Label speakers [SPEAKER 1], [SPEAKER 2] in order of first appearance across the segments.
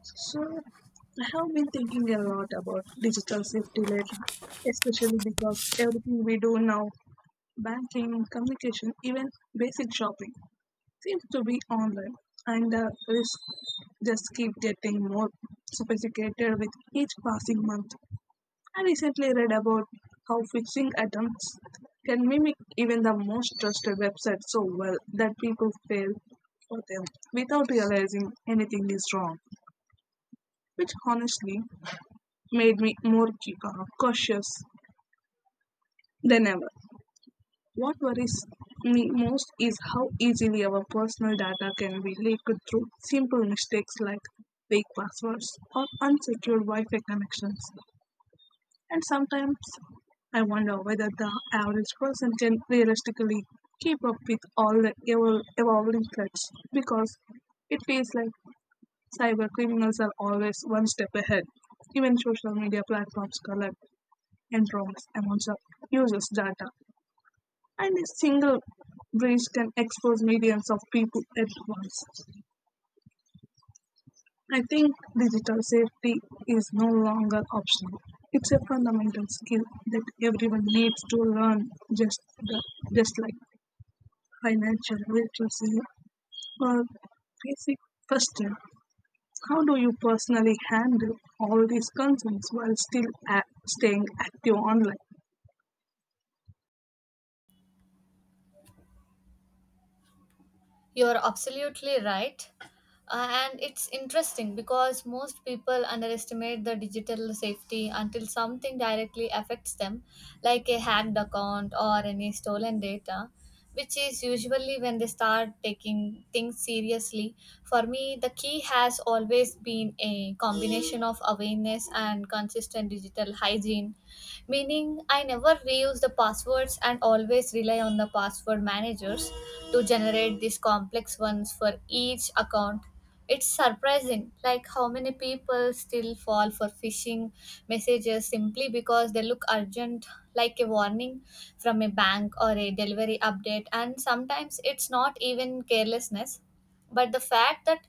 [SPEAKER 1] So, I have been thinking a lot about digital safety lately, especially because everything we do now, banking, communication, even basic shopping, seems to be online, and the risks just keep getting more sophisticated with each passing month. I recently read about how phishing attempts can mimic even the most trusted websites so well that people fail for them without realizing anything is wrong, which honestly made me more cautious than ever. What worries me most is how easily our personal data can be leaked through simple mistakes like fake passwords or unsecured Wi Fi connections. And sometimes I wonder whether the average person can realistically keep up with all the evolving threats, because it feels like cyber criminals are always one step ahead. Even social media platforms collect and wrongs among the users' data, and a single breach can expose millions of people at once. I think digital safety is no longer optional. It's a fundamental skill that everyone needs to learn, just the, just like financial literacy or basic question. How do you personally handle all these concerns while still staying active online?
[SPEAKER 2] You're absolutely right. And it's interesting because most people underestimate the digital safety until something directly affects them, like a hacked account or any stolen data, which is usually when they start taking things seriously. For me, the key has always been a combination of awareness and consistent digital hygiene, meaning I never reuse the passwords and always rely on the password managers to generate these complex ones for each account. It's surprising like how many people still fall for phishing messages simply because they look urgent, like a warning from a bank or a delivery update, and sometimes it's not even carelessness but the fact that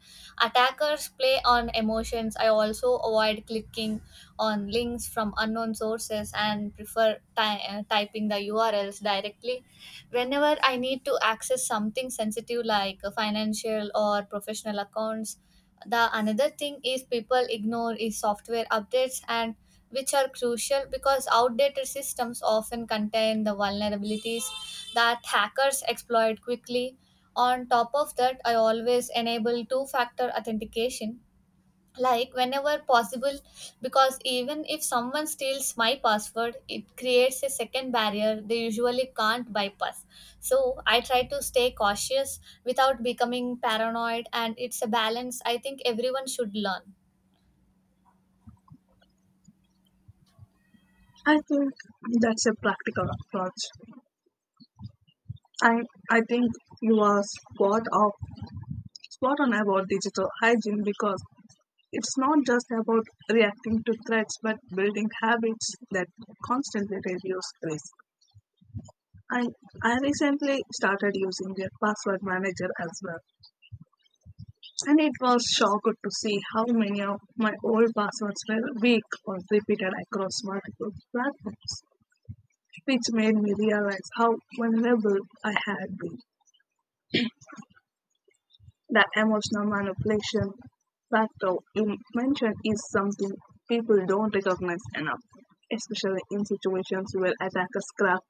[SPEAKER 2] attackers play on emotions. I also avoid clicking on links from unknown sources and prefer typing the URLs directly whenever I need to access something sensitive, like financial or professional accounts. The another thing is people ignore is software updates and which are crucial because outdated systems often contain the vulnerabilities that hackers exploit quickly. On top of that, I always enable two factor authentication like whenever possible, because even if someone steals my password it creates a second barrier they usually can't bypass, so I try to stay cautious without becoming paranoid, and it's a balance I think everyone should learn.
[SPEAKER 1] I think that's a practical approach. I I think you are spot on about digital hygiene, because it's not just about reacting to threats but building habits that constantly reduce risk. I I recently started using a password manager as well. And it was shocked to see how many of my old passwords were weak or repeated across multiple platforms, which made me realize how vulnerable I had been. That emotional manipulation factor you mentioned is something people don't recognize enough, especially in situations where attackers craft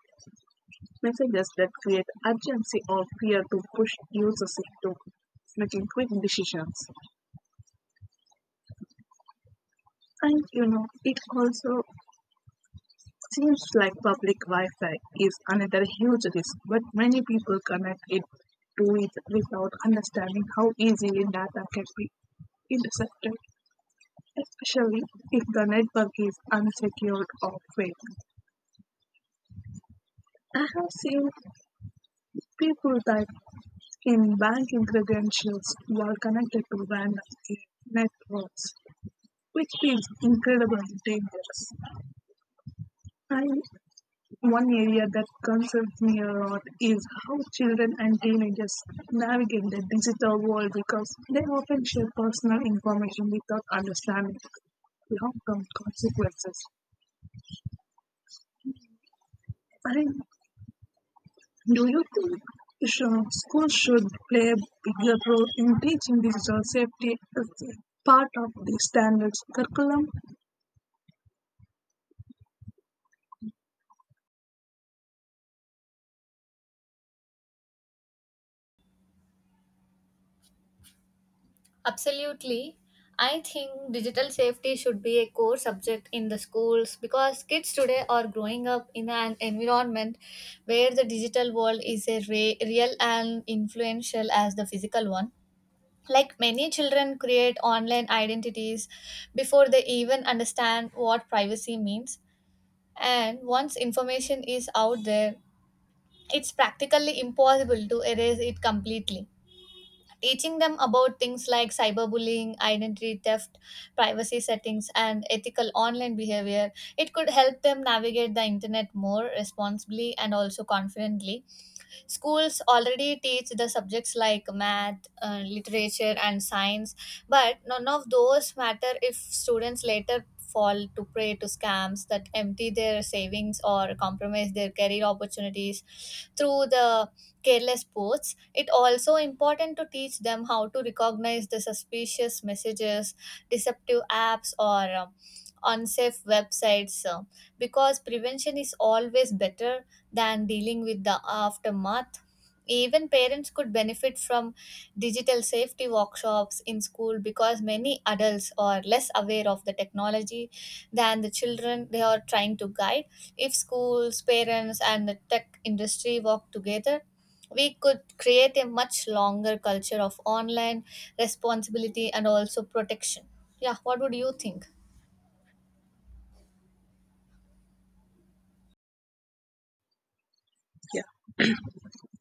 [SPEAKER 1] messages that create urgency or fear to push users into making quick decisions. And it also seems like public Wi Fi is another huge risk, but many people connect it to it without understanding how easily data can be intercepted, especially if the network is unsecured or fake. I have seen people that in banking credentials were connected to random networks, which is incredibly dangerous. I, One area that concerns me a lot is how children and teenagers navigate the digital world because they often share personal information without understanding long-term consequences. I Do you think schools should play a bigger role in teaching digital safety as a part of the standards curriculum?
[SPEAKER 2] Absolutely, I think digital safety should be a core subject in the schools, because kids today are growing up in an environment where the digital world is a real and influential as the physical one. Like many children create online identities before they even understand what privacy means. And once information is out there, it's practically impossible to erase it completely. Teaching them about things like cyberbullying, identity theft, privacy settings, and ethical online behavior, it could help them navigate the internet more responsibly and also confidently. Schools already teach the subjects like math, literature, and science, but none of those matter if students later fall to prey to scams that empty their savings or compromise their career opportunities through the careless posts. It also important to teach them how to recognize the suspicious messages, deceptive apps, or unsafe websites, because prevention is always better than dealing with the aftermath. Even parents could benefit from digital safety workshops in school, because many adults are less aware of the technology than the children they are trying to guide. If schools, parents, and the tech industry work together, we could create a much longer culture of online responsibility and also protection. Yeah, what would you think?
[SPEAKER 1] Yeah,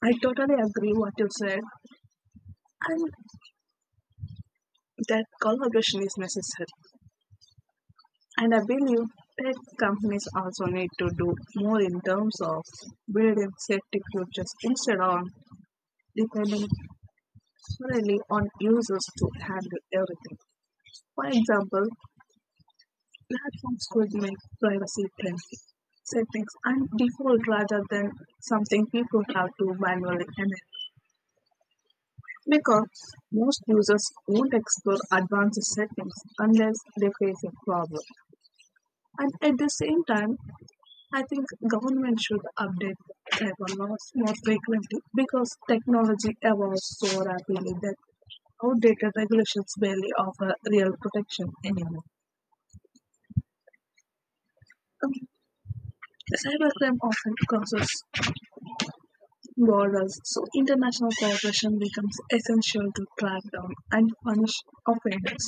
[SPEAKER 1] I totally agree what you said, and that collaboration is necessary. And I believe tech companies also need to do more in terms of building safety cultures instead of depending solely on users to handle everything. For example, platforms could make privacy trend settings and default rather than something people have to manually enable, because most users won't explore advanced settings unless they face a problem. And at the same time, I think government should update cyber laws more frequently because technology evolves so rapidly that outdated regulations barely offer real protection anymore. Um, Cybercrime often causes borders, so international cooperation becomes essential to track down and punish offenders,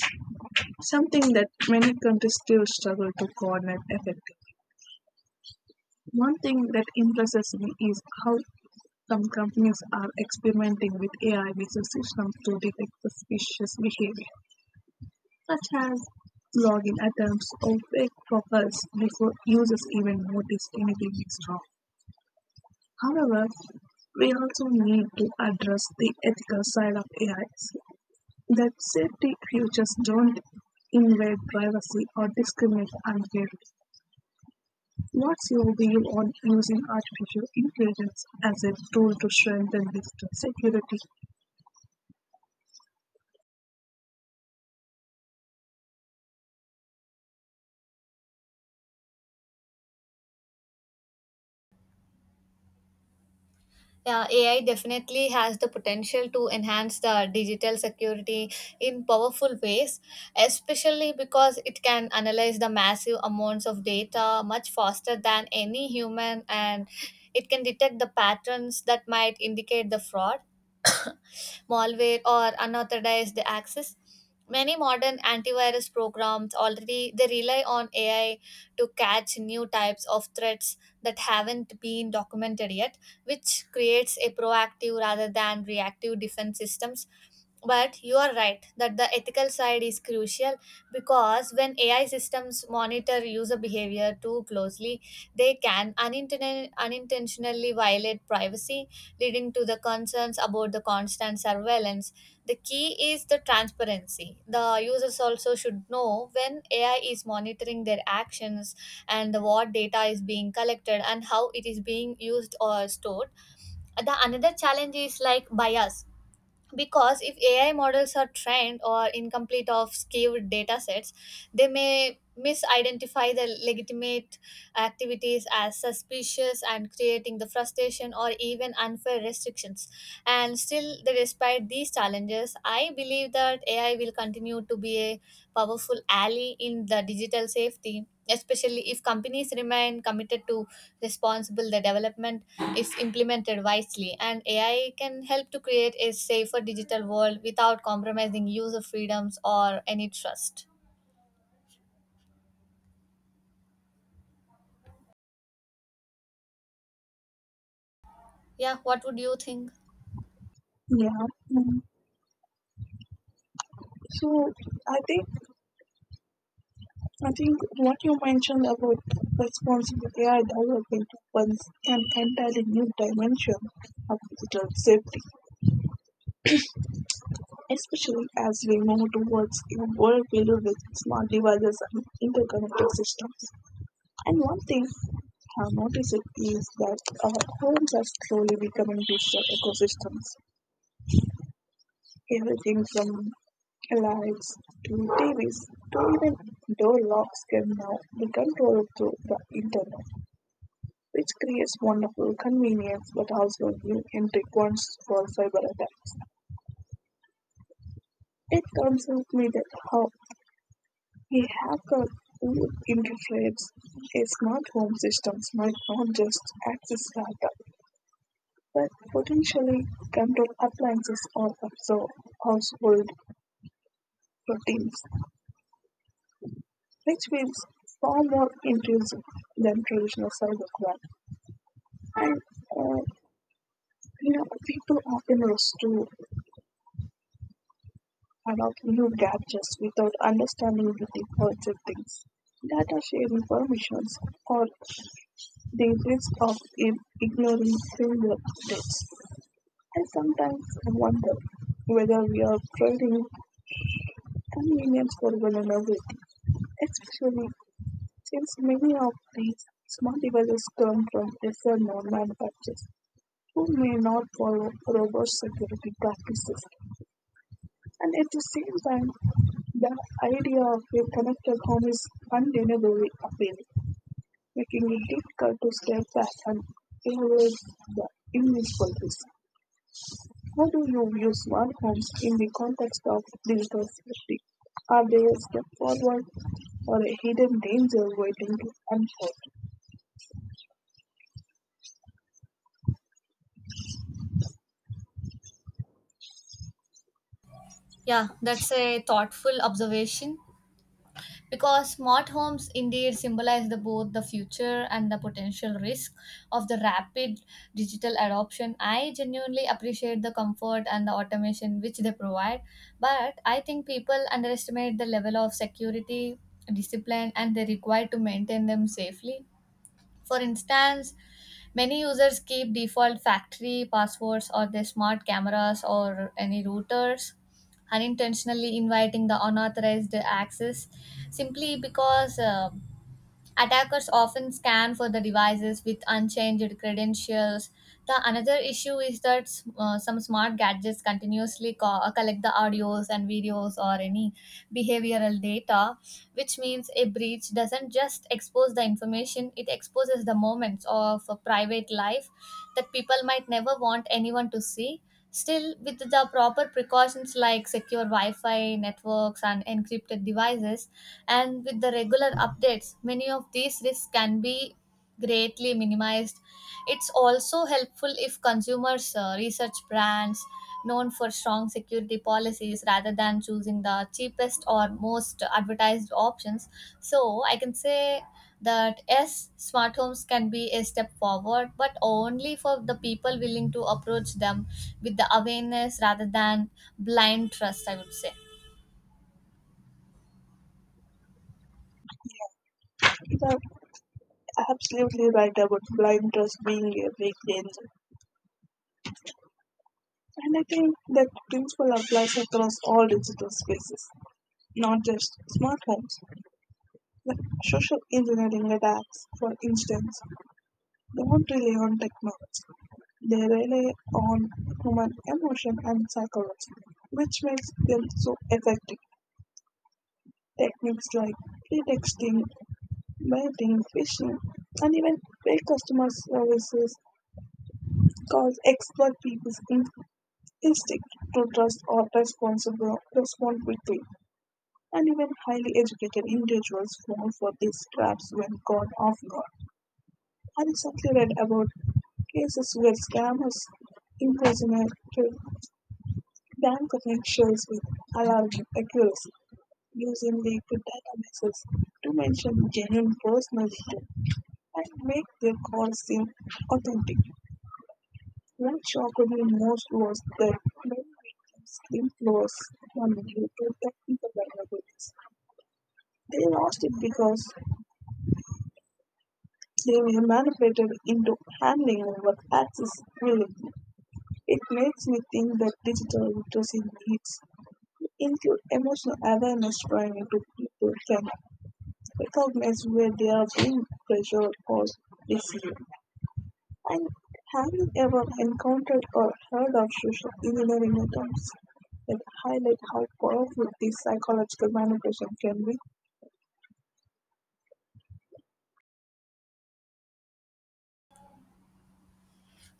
[SPEAKER 1] something that many countries still struggle to coordinate effectively. One thing that impresses me is how some companies are experimenting with AI based systems to detect suspicious behavior, such as login attempts or fake profiles before users even notice anything is wrong. However, we also need to address the ethical side of AI. That's safety features don't invade privacy or discriminate unfairly. What's your view on using artificial intelligence as a tool to strengthen digital security?
[SPEAKER 2] Yeah, AI definitely has the potential to enhance the digital security in powerful ways, especially because it can analyze the massive amounts of data much faster than any human, and it can detect the patterns that might indicate the fraud, malware, or unauthorized access. Many modern antivirus programs already they rely on AI to catch new types of threats that haven't been documented yet, which creates a proactive rather than reactive defense systems. But you are right that the ethical side is crucial, because when AI systems monitor user behavior too closely they can unintentionally violate privacy, leading to the concerns about the constant surveillance. The key is the transparency. The users also should know when AI is monitoring their actions, and what data is being collected, and how it is being used or stored. The another challenge is like bias, because if AI models are trained or incomplete of skewed data sets they may misidentify the legitimate activities as suspicious and creating the frustration or even unfair restrictions. And still despite these challenges I believe that AI will continue to be a powerful ally in the digital safety, especially if companies remain committed to responsible the development. If implemented wisely, and AI can help to create a safer digital world without compromising user freedoms or any trust. Yeah, what would you think?
[SPEAKER 1] Yeah. mm. So I think I think what you mentioned about responsible AI development opens an entirely new dimension of digital safety, especially as we move towards a world filled with smart devices and interconnected systems. And one thing I have noticed it is that our homes are slowly becoming digital ecosystems. Everything from lights to TVs to even door locks can now be controlled through the internet, which creates wonderful convenience but also new entry points for cyber attacks. It concerns me that how a hacker who infiltrates a smart home systems might not just access data, but potentially control appliances or absorb household routines, which feels far more intrusive than traditional cybercrime. And people often rush to adopt new gadgets without understanding the defaults of things. Data sharing permissions or the risk of ignoring similar updates. I sometimes wonder whether we are trading convenience for vulnerability, especially since many of these smart devices come from lesser-known manufacturers who may not follow robust security practices, and at the same time, the idea of a connected home is undeniably appealing, making it difficult to step back and evaluate the immunicipal risk. How do you view smart homes in the context of digital safety? Are they a step forward or a hidden danger waiting to unfold?
[SPEAKER 2] Yeah, that's a thoughtful observation, because smart homes indeed symbolize the, both the future and the potential risk of the rapid digital adoption. I genuinely appreciate the comfort and the automation which they provide, but I think people underestimate the level of security, discipline, and they require to maintain them safely. For instance, many users keep default factory passwords or their smart cameras or any routers, unintentionally inviting the unauthorized access simply because. Attackers often scan for the devices with unchanged credentials. The another issue is that some smart gadgets continuously collect the audios and videos or any behavioral data, which means a breach doesn't just expose the information, it exposes the moments of a private life that people might never want anyone to see. Still, with the proper precautions like secure Wi Fi networks and encrypted devices, and with the regular updates, many of these risks can be greatly minimized. It's also helpful if consumers research brands known for strong security policies rather than choosing the cheapest or most advertised options. So I can say that yes, smart homes can be a step forward, but only for the people willing to approach them with the awareness rather than blind trust, I would say.
[SPEAKER 1] The absolutely right about blind trust being a big danger. And I think that principle applies across all digital spaces, not just smartphones. Like social engineering attacks, for instance, don't rely on technology. They rely on human emotion and psychology, which makes them so effective. Techniques like pretexting, baiting, phishing, and even fake customer services cause exploit people's instinct to trust or responsible respond quickly, and even highly educated individuals fall for these traps when caught off guard. I recently read about cases where scammers impersonated bank officials with alarming accuracy, using leaked databases to mention genuine personal details and make their calls seem authentic. What shocked me most was that many victims claimed loss money due to technical vulnerabilities. They lost it because they were manipulated into handing over access willingly. It makes me think that digital literacy needs to include emotional awareness training to people can recognize where they are being pressured or deceived. And have you ever encountered or heard of social engineering attempts that highlight how powerful these psychological manipulation can be?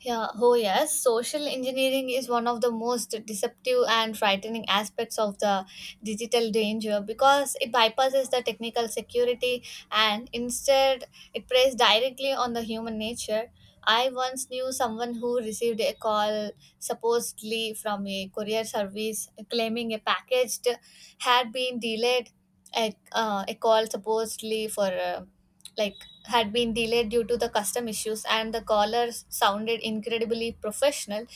[SPEAKER 2] Yeah, oh yes, social engineering is one of the most deceptive and frightening aspects of the digital danger, because it bypasses the technical security and instead it preys directly on the human nature. I once knew someone who received a call supposedly from a courier service claiming a package had been delayed. A call supposedly for like had been delayed due to the custom issues, and the caller sounded incredibly professional,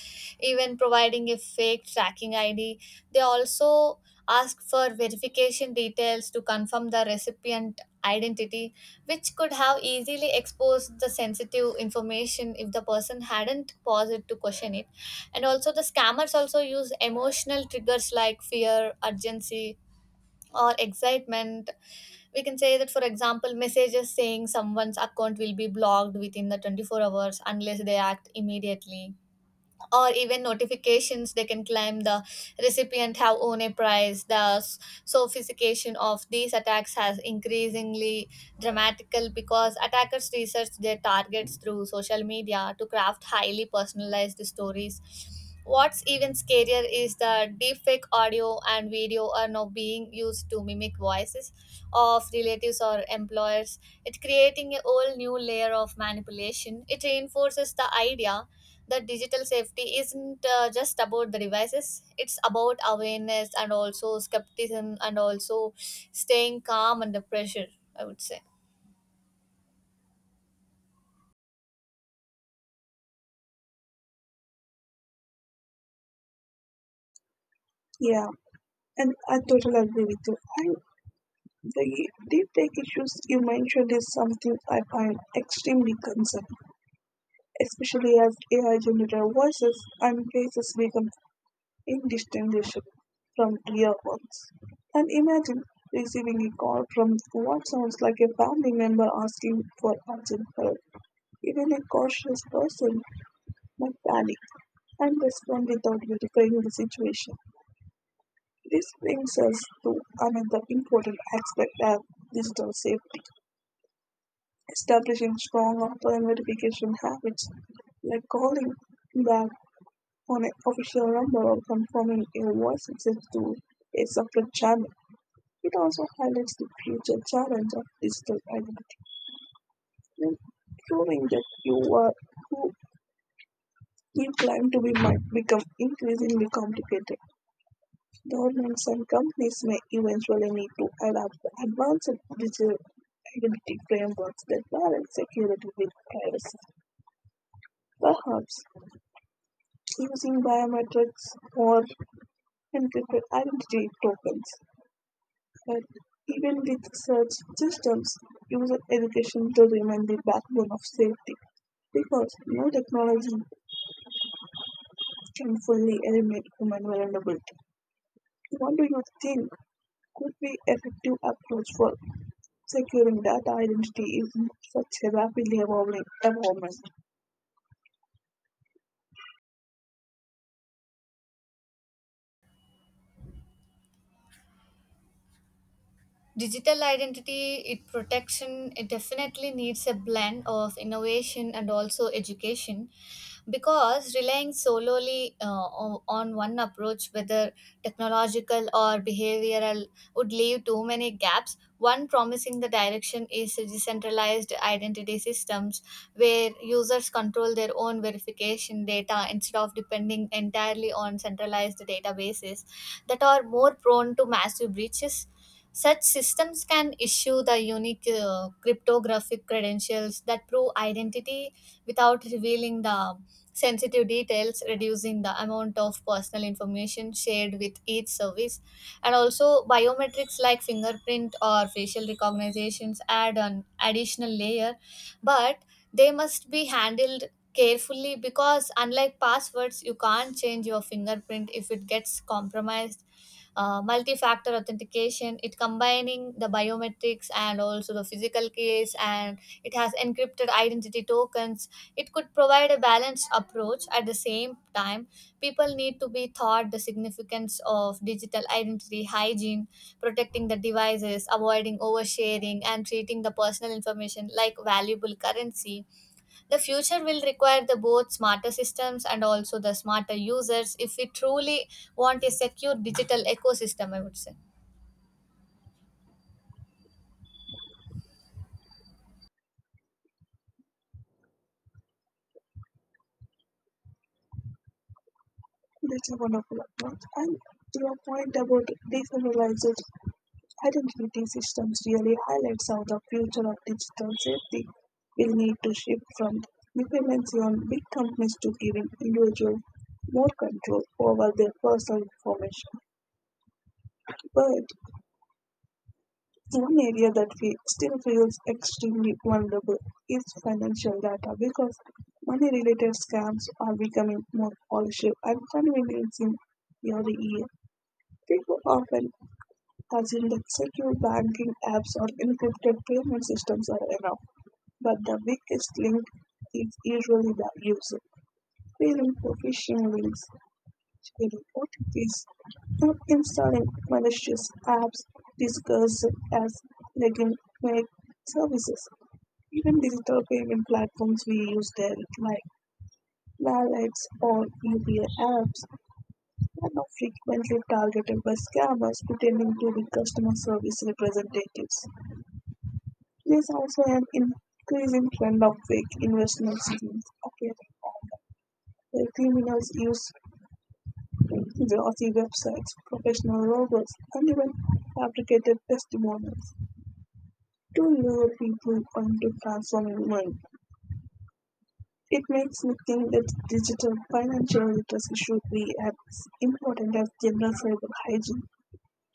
[SPEAKER 2] even providing a fake tracking ID. They also asked for verification details to confirm the recipient identity, which could have easily exposed the sensitive information if the person hadn't paused to question it. And also the scammers also use emotional triggers like fear, urgency, or excitement. We can say that, for example, messages saying someone's account will be blocked within the 24 hours unless they act immediately, or even notifications they can claim the recipient have won a prize. The sophistication of these attacks has increasingly dramatical, because attackers research their targets through social media to craft highly personalized stories. What's even scarier is the deepfake audio and video are now being used to mimic voices of relatives or employers. It's creating a whole new layer of manipulation. It reinforces the idea that digital safety isn't just about the devices, it's about awareness and also skepticism and also staying calm under pressure, I would say.
[SPEAKER 1] Yeah, and I totally agree with you. The deep tech issues you mentioned is something I find extremely concerning, especially as AI generated voices and faces become indistinguishable from real ones. And imagine receiving a call from what sounds like a family member asking for urgent help. Even a cautious person might panic and respond without verifying the situation. This brings us to another important aspect of digital safety: establishing strong offline verification habits, like calling back on an official number or confirming a voice message to a separate channel. It also highlights the future challenge of digital identity, when proving that you are who you claim to be might become increasingly complicated. Governments and companies may eventually need to adopt advanced digital identity frameworks that balance security with privacy, perhaps using biometrics or encrypted identity tokens. But even with such systems, user education to remain the backbone of safety, because no technology can fully eliminate human vulnerability. What do you think could be effective approach for securing that identity is such a rapidly evolving environment?
[SPEAKER 2] Digital identity it protection it definitely needs a blend of innovation and also education, because relying solely on one approach, whether technological or behavioral, would leave too many gaps. One promising the direction is decentralized identity systems, where users control their own verification data instead of depending entirely on centralized databases that are more prone to massive breaches. Such systems can issue the unique cryptographic credentials that prove identity without revealing the sensitive details, reducing the amount of personal information shared with each service. And also, biometrics like fingerprint or facial recognitions add an additional layer, but they must be handled carefully, because unlike passwords you can't change your fingerprint if it gets compromised. Multi-factor authentication it combining the biometrics and also the physical case and it has encrypted identity tokens, it could provide a balanced approach. At the same time, people need to be taught the significance of digital identity hygiene, protecting the devices, avoiding oversharing, and treating the personal information like valuable currency. The future will require the both smarter systems and also the smarter users if we truly want a secure digital ecosystem, I would say.
[SPEAKER 1] That's a wonderful approach. And your point about decentralized identity systems really highlights how the future of digital safety will need to shift from dependency on big companies to giving individuals more control over their personal information. But one area that fe still feels extremely vulnerable is financial data, because money related scams are becoming more polished and conveniencing every year. People often assume that secure banking apps or encrypted payment systems are enough, but the weakest link is usually the user. Feeling phishing links she reported this not installing malicious apps discussed as legitimate services. Even digital payment platforms we use daily, like wallets or UPI apps, are now frequently targeted by scammers pretending to be customer service representatives. There's also an increasing trend of fake investment schemes, okay, where criminals use glossy websites, professional logos, and even fabricated testimonials to lure people onto transforming money. It makes me think that digital financial literacy should be as important as general cyber hygiene,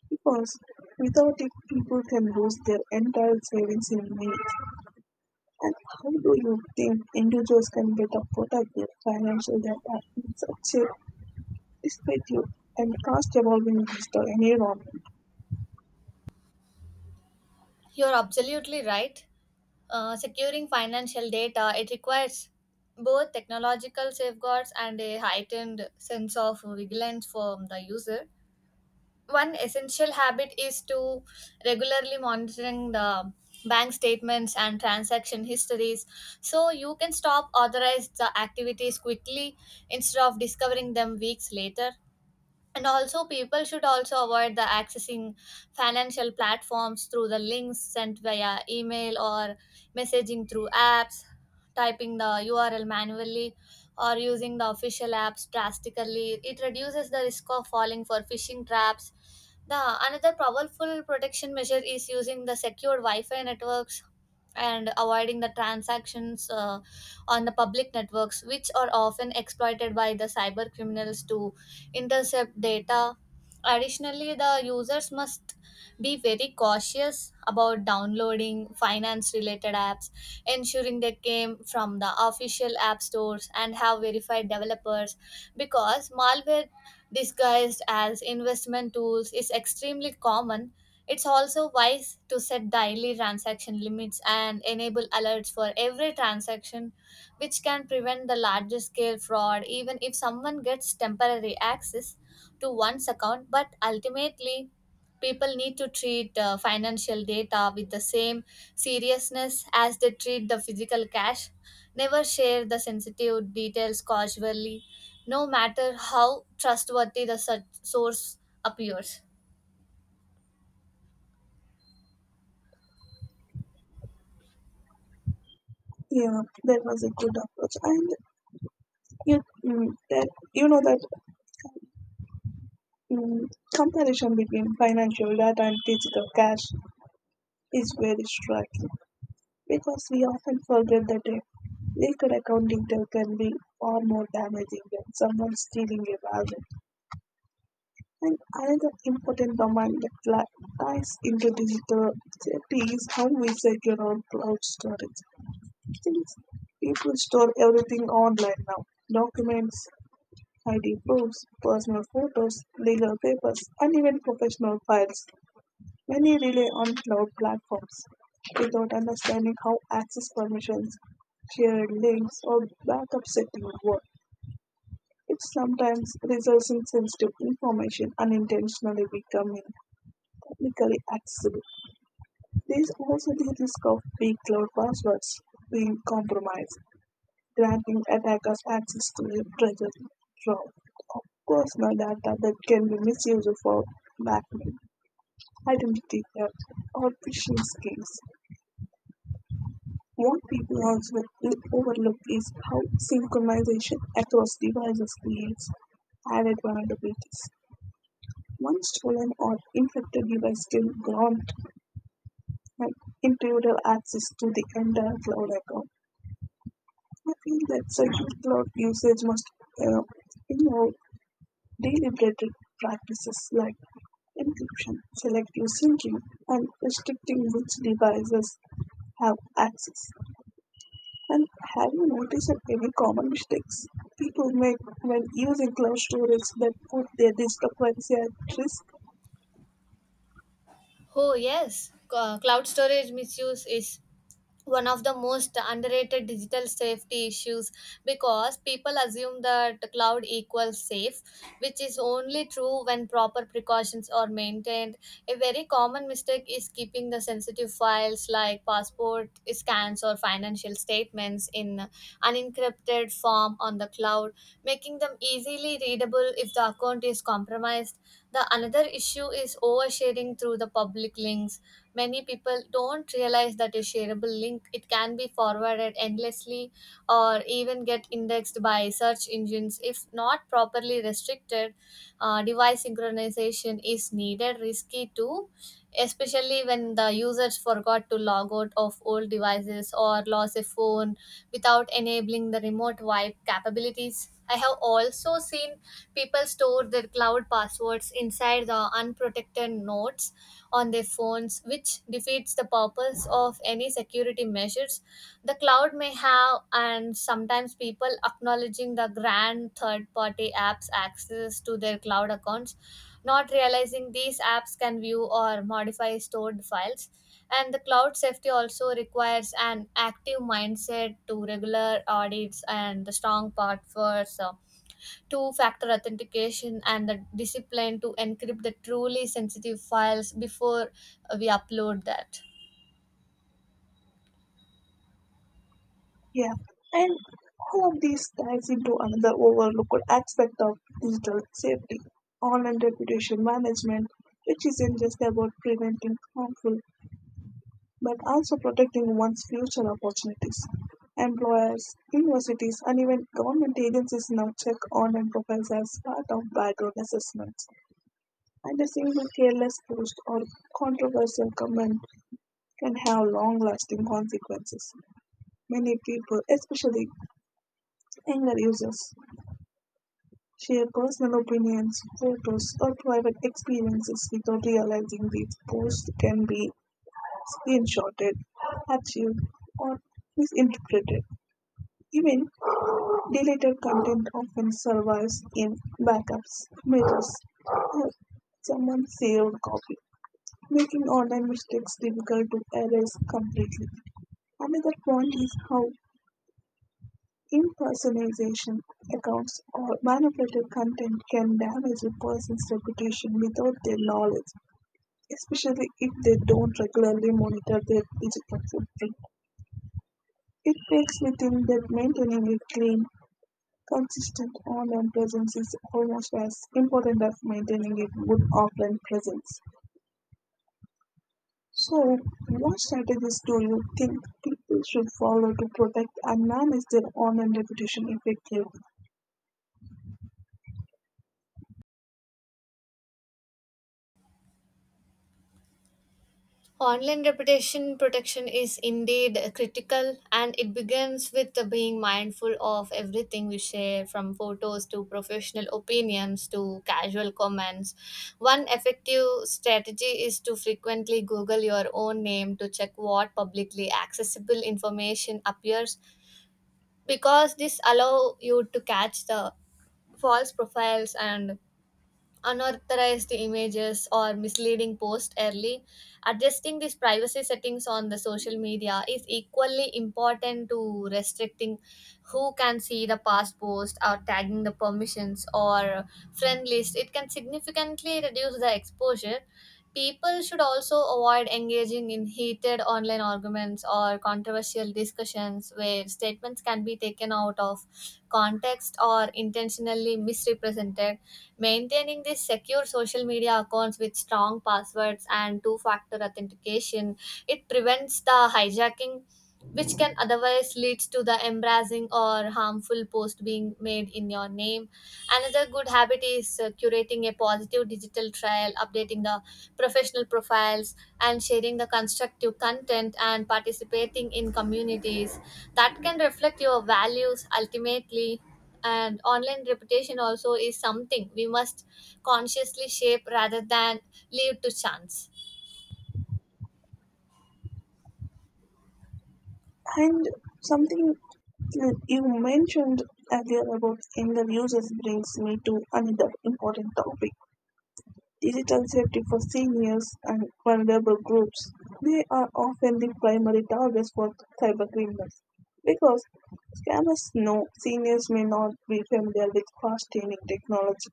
[SPEAKER 1] because without it, people can lose their entire savings in minutes. And how do you think individuals can better protect their financial data in such a disruptive and fast evolving digital environment?
[SPEAKER 2] You're absolutely right. Securing financial data, it requires both technological safeguards and a heightened sense of vigilance from the user. One essential habit is to regularly monitoring the bank statements and transaction histories, so you can stop authorized the activities quickly instead of discovering them weeks later. And also people should also avoid the accessing financial platforms through the links sent via email or messaging through apps. Typing the URL manually or using the official apps drastically, it reduces the risk of falling for phishing traps. The another powerful protection measure is using the secured wi-fi networks and avoiding the transactions on the public networks, which are often exploited by the cyber criminals to intercept data. Additionally, the users must be very cautious about downloading finance related apps, ensuring they came from the official app stores and have verified developers, because malware disguised as investment tools is extremely common. It's also wise to set daily transaction limits and enable alerts for every transaction, which can prevent the larger scale fraud even if someone gets temporary access to one's account. But ultimately, people need to treat financial data with the same seriousness as they treat the physical cash. Never share the sensitive details casually, no matter how trustworthy the such source appears.
[SPEAKER 1] Yeah, that was a good approach. And you, mm, that you know that mm, comparison between financial data and physical cash is very striking, because we often forget that a liquid account detail can be far more damaging than someone stealing a wallet. And another important domain that ties into digital safety is how we secure our cloud storage. Since people store everything online now, documents, ID proofs, personal photos, legal papers, and even professional files. Many rely on cloud platforms without understanding how access permissions, shared links, or backup settings work. It sometimes results in sensitive information unintentionally becoming publicly accessible. There is also the risk of weak cloud passwords being compromised, granting attackers access to the treasure trove of personal data that can be misused for blackmail, identity theft, or phishing schemes. What people also overlook is how synchronization across devices creates added vulnerabilities. One stolen or infected device can grant an intruder access to the entire cloud account. I feel that secure cloud usage must uh, you Deliberate practices like encryption, selective syncing, and restricting which devices have access. And have you noticed that any common mistakes people make when using cloud storage that put their discrepancy at risk?
[SPEAKER 2] Oh, yes. Cloud storage misuse is one of the most underrated digital safety issues because people assume that the cloud equals safe, which is only true when proper precautions are maintained. A very common mistake is keeping the sensitive files like passport scans or financial statements in unencrypted form on the cloud, making them easily readable if the account is compromised. The another issue is oversharing through the public links. Many people don't realize that a shareable link it can be forwarded endlessly or even get indexed by search engines if not properly restricted. Device synchronization is needed risky too, especially when the users forgot to log out of old devices or lost a phone without enabling the remote wipe capabilities. I have also seen people store their cloud passwords inside the unprotected notes on their phones, which defeats the purpose of any security measures the cloud may have, and sometimes people acknowledging the grand third party apps access to their cloud accounts, not realizing these apps can view or modify stored files, and the cloud safety also requires an active mindset to regular audits and the strong passwords, two factor authentication and the discipline to encrypt the truly sensitive files before we upload that.
[SPEAKER 1] Yeah. And all of these ties into another overlooked aspect of digital safety, online reputation management, which isn't just about preventing harmful but also protecting one's future opportunities. Employers, universities, and even government agencies now check online profiles as part of background assessments. And a single careless post or controversial comment can have long lasting consequences. Many people, especially younger users, share personal opinions, photos, or private experiences without realizing these posts can be screenshotted, archived, or misinterpreted. Even deleted content often survives in backups, mirrors, or someone's saved copy, making online mistakes difficult to erase completely. Another point is how impersonation accounts or manipulated content can damage a person's reputation without their knowledge, especially if they don't regularly monitor their digital footprint. It takes within that maintaining a clean, consistent online presence is almost as important as maintaining a good offline presence. So, what strategies do you think people should follow to protect and manage their online reputation effectively?
[SPEAKER 2] Online reputation protection is indeed critical, and it begins with the being mindful of everything we share, from photos to professional opinions to casual comments. One effective strategy is to frequently google your own name to check what publicly accessible information appears, because this allow you to catch the false profiles and unauthorized images or misleading posts early. Adjusting these privacy settings on the social media is equally important to restricting who can see the past post or tagging the permissions or friend list. It can significantly reduce the exposure. People should also avoid engaging in heated online arguments or controversial discussions where statements can be taken out of context or intentionally misrepresented. Maintaining these secure social media accounts with strong passwords and two factor authentication, it prevents the hijacking which can otherwise lead to the embarrassing or harmful post being made in your name. Another good habit is curating a positive digital trail, updating the professional profiles, and sharing the constructive content and participating in communities that can reflect your values ultimately, and online reputation also is something we must consciously shape rather than leave to chance.
[SPEAKER 1] And something that you mentioned earlier about younger users brings me to another important topic, digital safety for seniors and vulnerable groups. They are often the primary targets for cybercriminals because scammers know seniors may not be familiar with fast changing technology,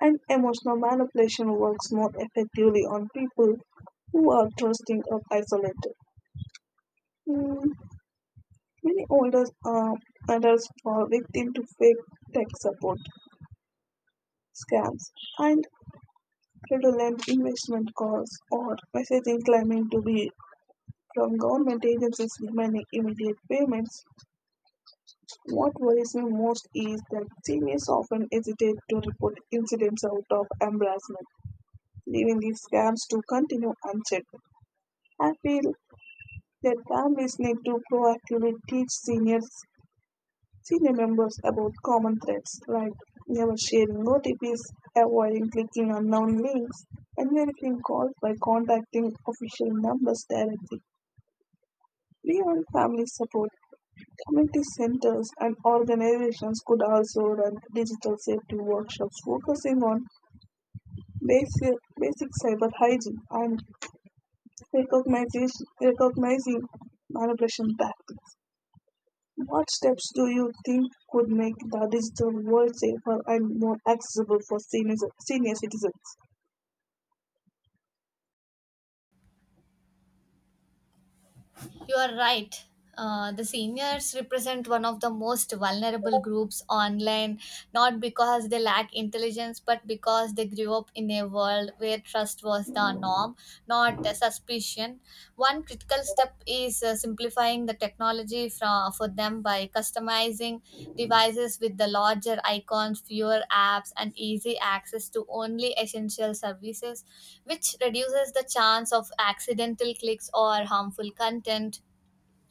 [SPEAKER 1] and emotional manipulation works more effectively on people who are trusting or isolated. Mm, Many older adults fall victim to fake tech support scams and fraudulent investment calls or messaging claiming to be from government agencies demanding immediate payments. What worries me most is that seniors often hesitate to report incidents out of embarrassment, leaving these scams to continue unchecked. I feel that families need to proactively teach senior members about common threats like never sharing OTPs, avoiding clicking unknown links, and verifying calls by contacting official numbers directly. We want family support. Community centers and organizations could also run digital safety workshops focusing on basic, basic cyber hygiene and recognizing manipulation tactics. What steps do you think could make the digital world safer and more accessible for senior citizens?
[SPEAKER 2] You are right. The seniors represent one of the most vulnerable groups online, not because they lack intelligence, but because they grew up in a world where trust was the norm, not a suspicion. One critical step is simplifying the technology from, for them by customizing devices with the larger icons, fewer apps, and easy access to only essential services, which reduces the chance of accidental clicks or harmful content.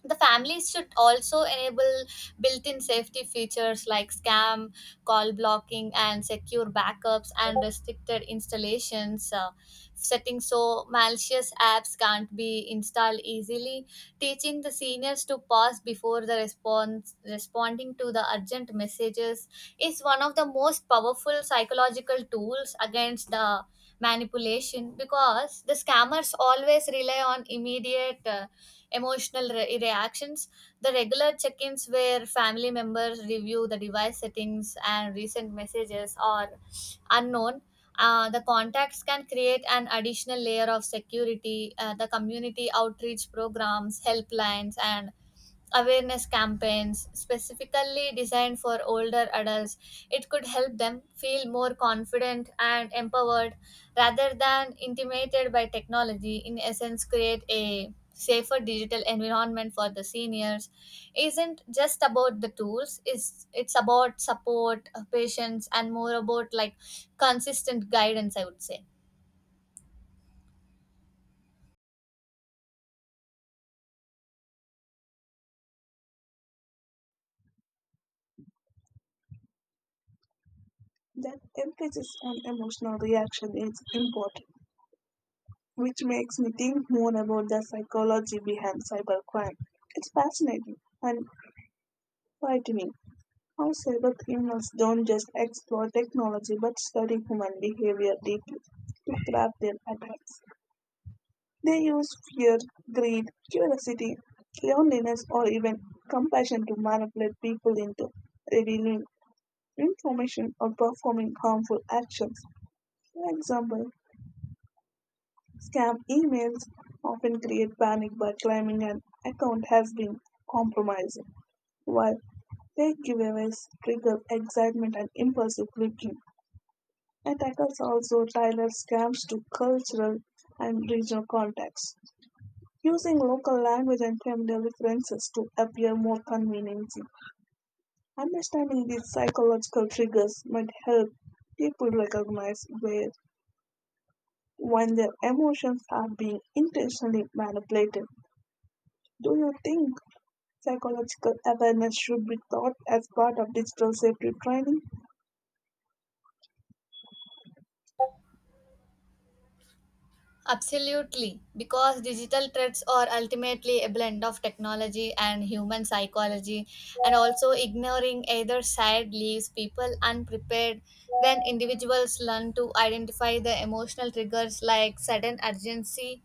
[SPEAKER 2] The families should also enable built-in safety features like scam call blocking and secure backups and restricted installations, settings so malicious apps can't be installed easily. Teaching the seniors to pause before the response responding to the urgent messages is one of the most powerful psychological tools against the manipulation, because the scammers always rely on immediate, emotional reactions. The regular check ins where family members review the device settings and recent messages are unknown. The contacts can create an additional layer of security. The community outreach programs, helplines, and awareness campaigns specifically designed for older adults, it could help them feel more confident and empowered rather than intimidated by technology. In essence, create a safer digital environment for the seniors. Isn't just about the tools, it's about support, patience and more about like consistent guidance, I would say.
[SPEAKER 1] That emphasis on emotional reaction is important, which makes me think more about the psychology behind cybercrime. It's fascinating and frightening how cybercriminals don't just explore technology but study human behavior deeply to craft their attacks. They use fear, greed, curiosity, loneliness, or even compassion to manipulate people into revealing information or performing harmful actions. For example, scam emails often create panic by claiming an account has been compromised, while fake giveaways trigger excitement and impulsive clicking. And tackles also tailors scams to cultural and regional contexts, using local language and familiar references to appear more convenient. Understanding these psychological triggers might help people recognize where when their emotions are being intentionally manipulated. Do you think psychological awareness should be taught as part of digital safety training?
[SPEAKER 2] Absolutely, because digital threats are ultimately a blend of technology and human psychology, and also ignoring either side leaves people unprepared. When individuals learn to identify the emotional triggers like sudden urgency,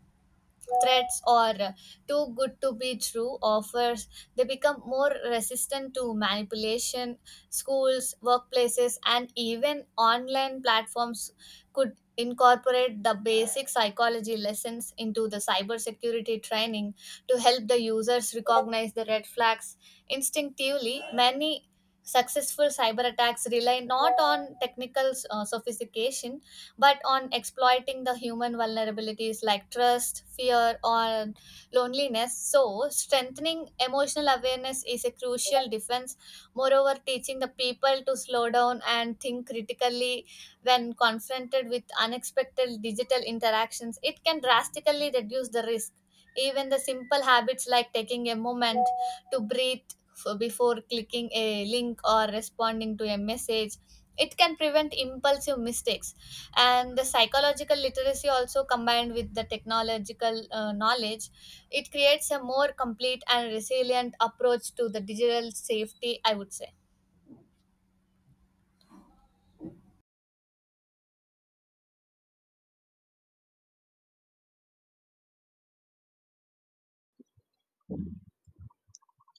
[SPEAKER 2] threats, or too good to be true offers, they become more resistant to manipulation. Schools, workplaces, and even online platforms could incorporate the basic psychology lessons into the cybersecurity training to help the users recognize the red flags instinctively. Many successful cyber attacks rely not on technical sophistication, but on exploiting the human vulnerabilities like trust, fear, or loneliness. So, strengthening emotional awareness is a crucial defense. Moreover, teaching the people to slow down and think critically when confronted with unexpected digital interactions, it can drastically reduce the risk. Even the simple habits like taking a moment to breathe before clicking a link or responding to a message, it can prevent impulsive mistakes, and the psychological literacy also combined with the technological knowledge, it creates a more complete and resilient approach to the digital safety, I would say.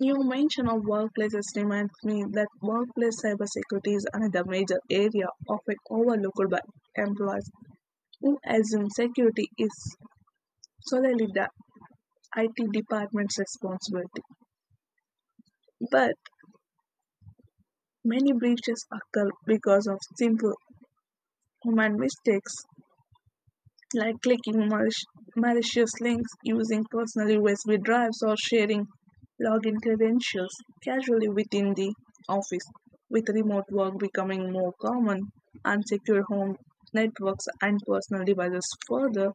[SPEAKER 1] You mention of workplaces reminds me that workplace cybersecurity is another major area often overlooked by employees who assume security is solely the IT department's responsibility. But many breaches occur because of simple human mistakes like clicking malicious links, using personal USB drives, or sharing login credentials casually within the office. With remote work becoming more common, unsecure home networks and personal devices further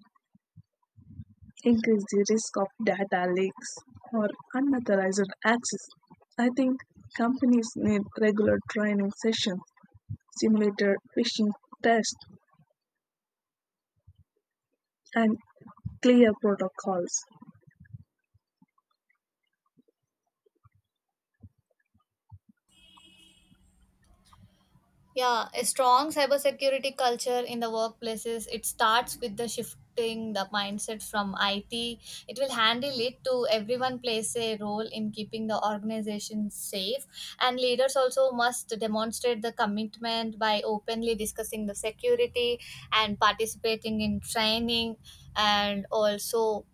[SPEAKER 1] increase the risk of data leaks or unauthorized access. I think companies need regular training sessions, simulator phishing tests, and clear protocols.
[SPEAKER 2] Yeah, a strong cybersecurity culture in the workplaces, it starts with the shifting the mindset from IT. It will handle it to everyone plays a role in keeping the organization safe. And leaders also must demonstrate the commitment by openly discussing the security and participating in training, and also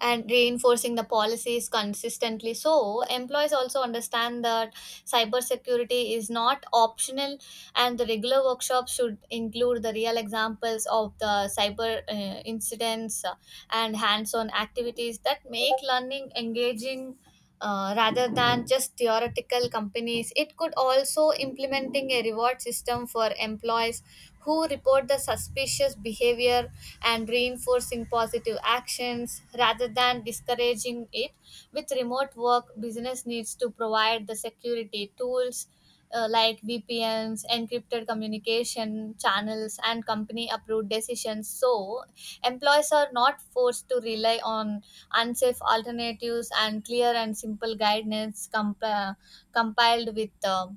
[SPEAKER 2] and reinforcing the policies consistently. So, employees also understand that cybersecurity is not optional, and the regular workshops should include the real examples of the cyber, incidents, and hands on activities that make learning engaging. Rather than just theoretical, companies it could also implementing a reward system for employees who report the suspicious behavior and reinforcing positive actions rather than discouraging it. With remote work, business needs to provide the security tools, like VPNs, encrypted communication channels, and company approved decisions so employees are not forced to rely on unsafe alternatives, and clear and simple guidance compiled with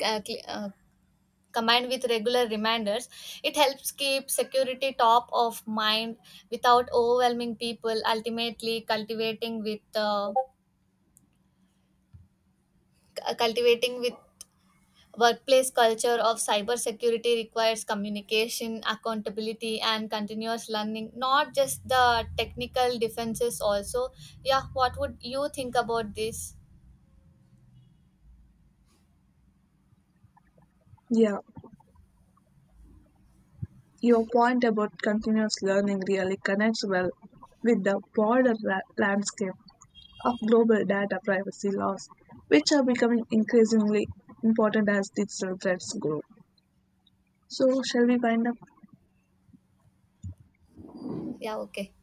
[SPEAKER 2] c- uh, cl- uh, combined with regular reminders, it helps keep security top of mind without overwhelming people. Ultimately, cultivating with workplace culture of cybersecurity requires communication, accountability, and continuous learning, not just the technical defenses also. Yeah, what would you think about this?
[SPEAKER 1] Yeah. Your point about continuous learning really connects well with the broader landscape of global data privacy laws, which are becoming increasingly important as digital threats grow. So, shall we wind up?
[SPEAKER 2] Yeah, okay.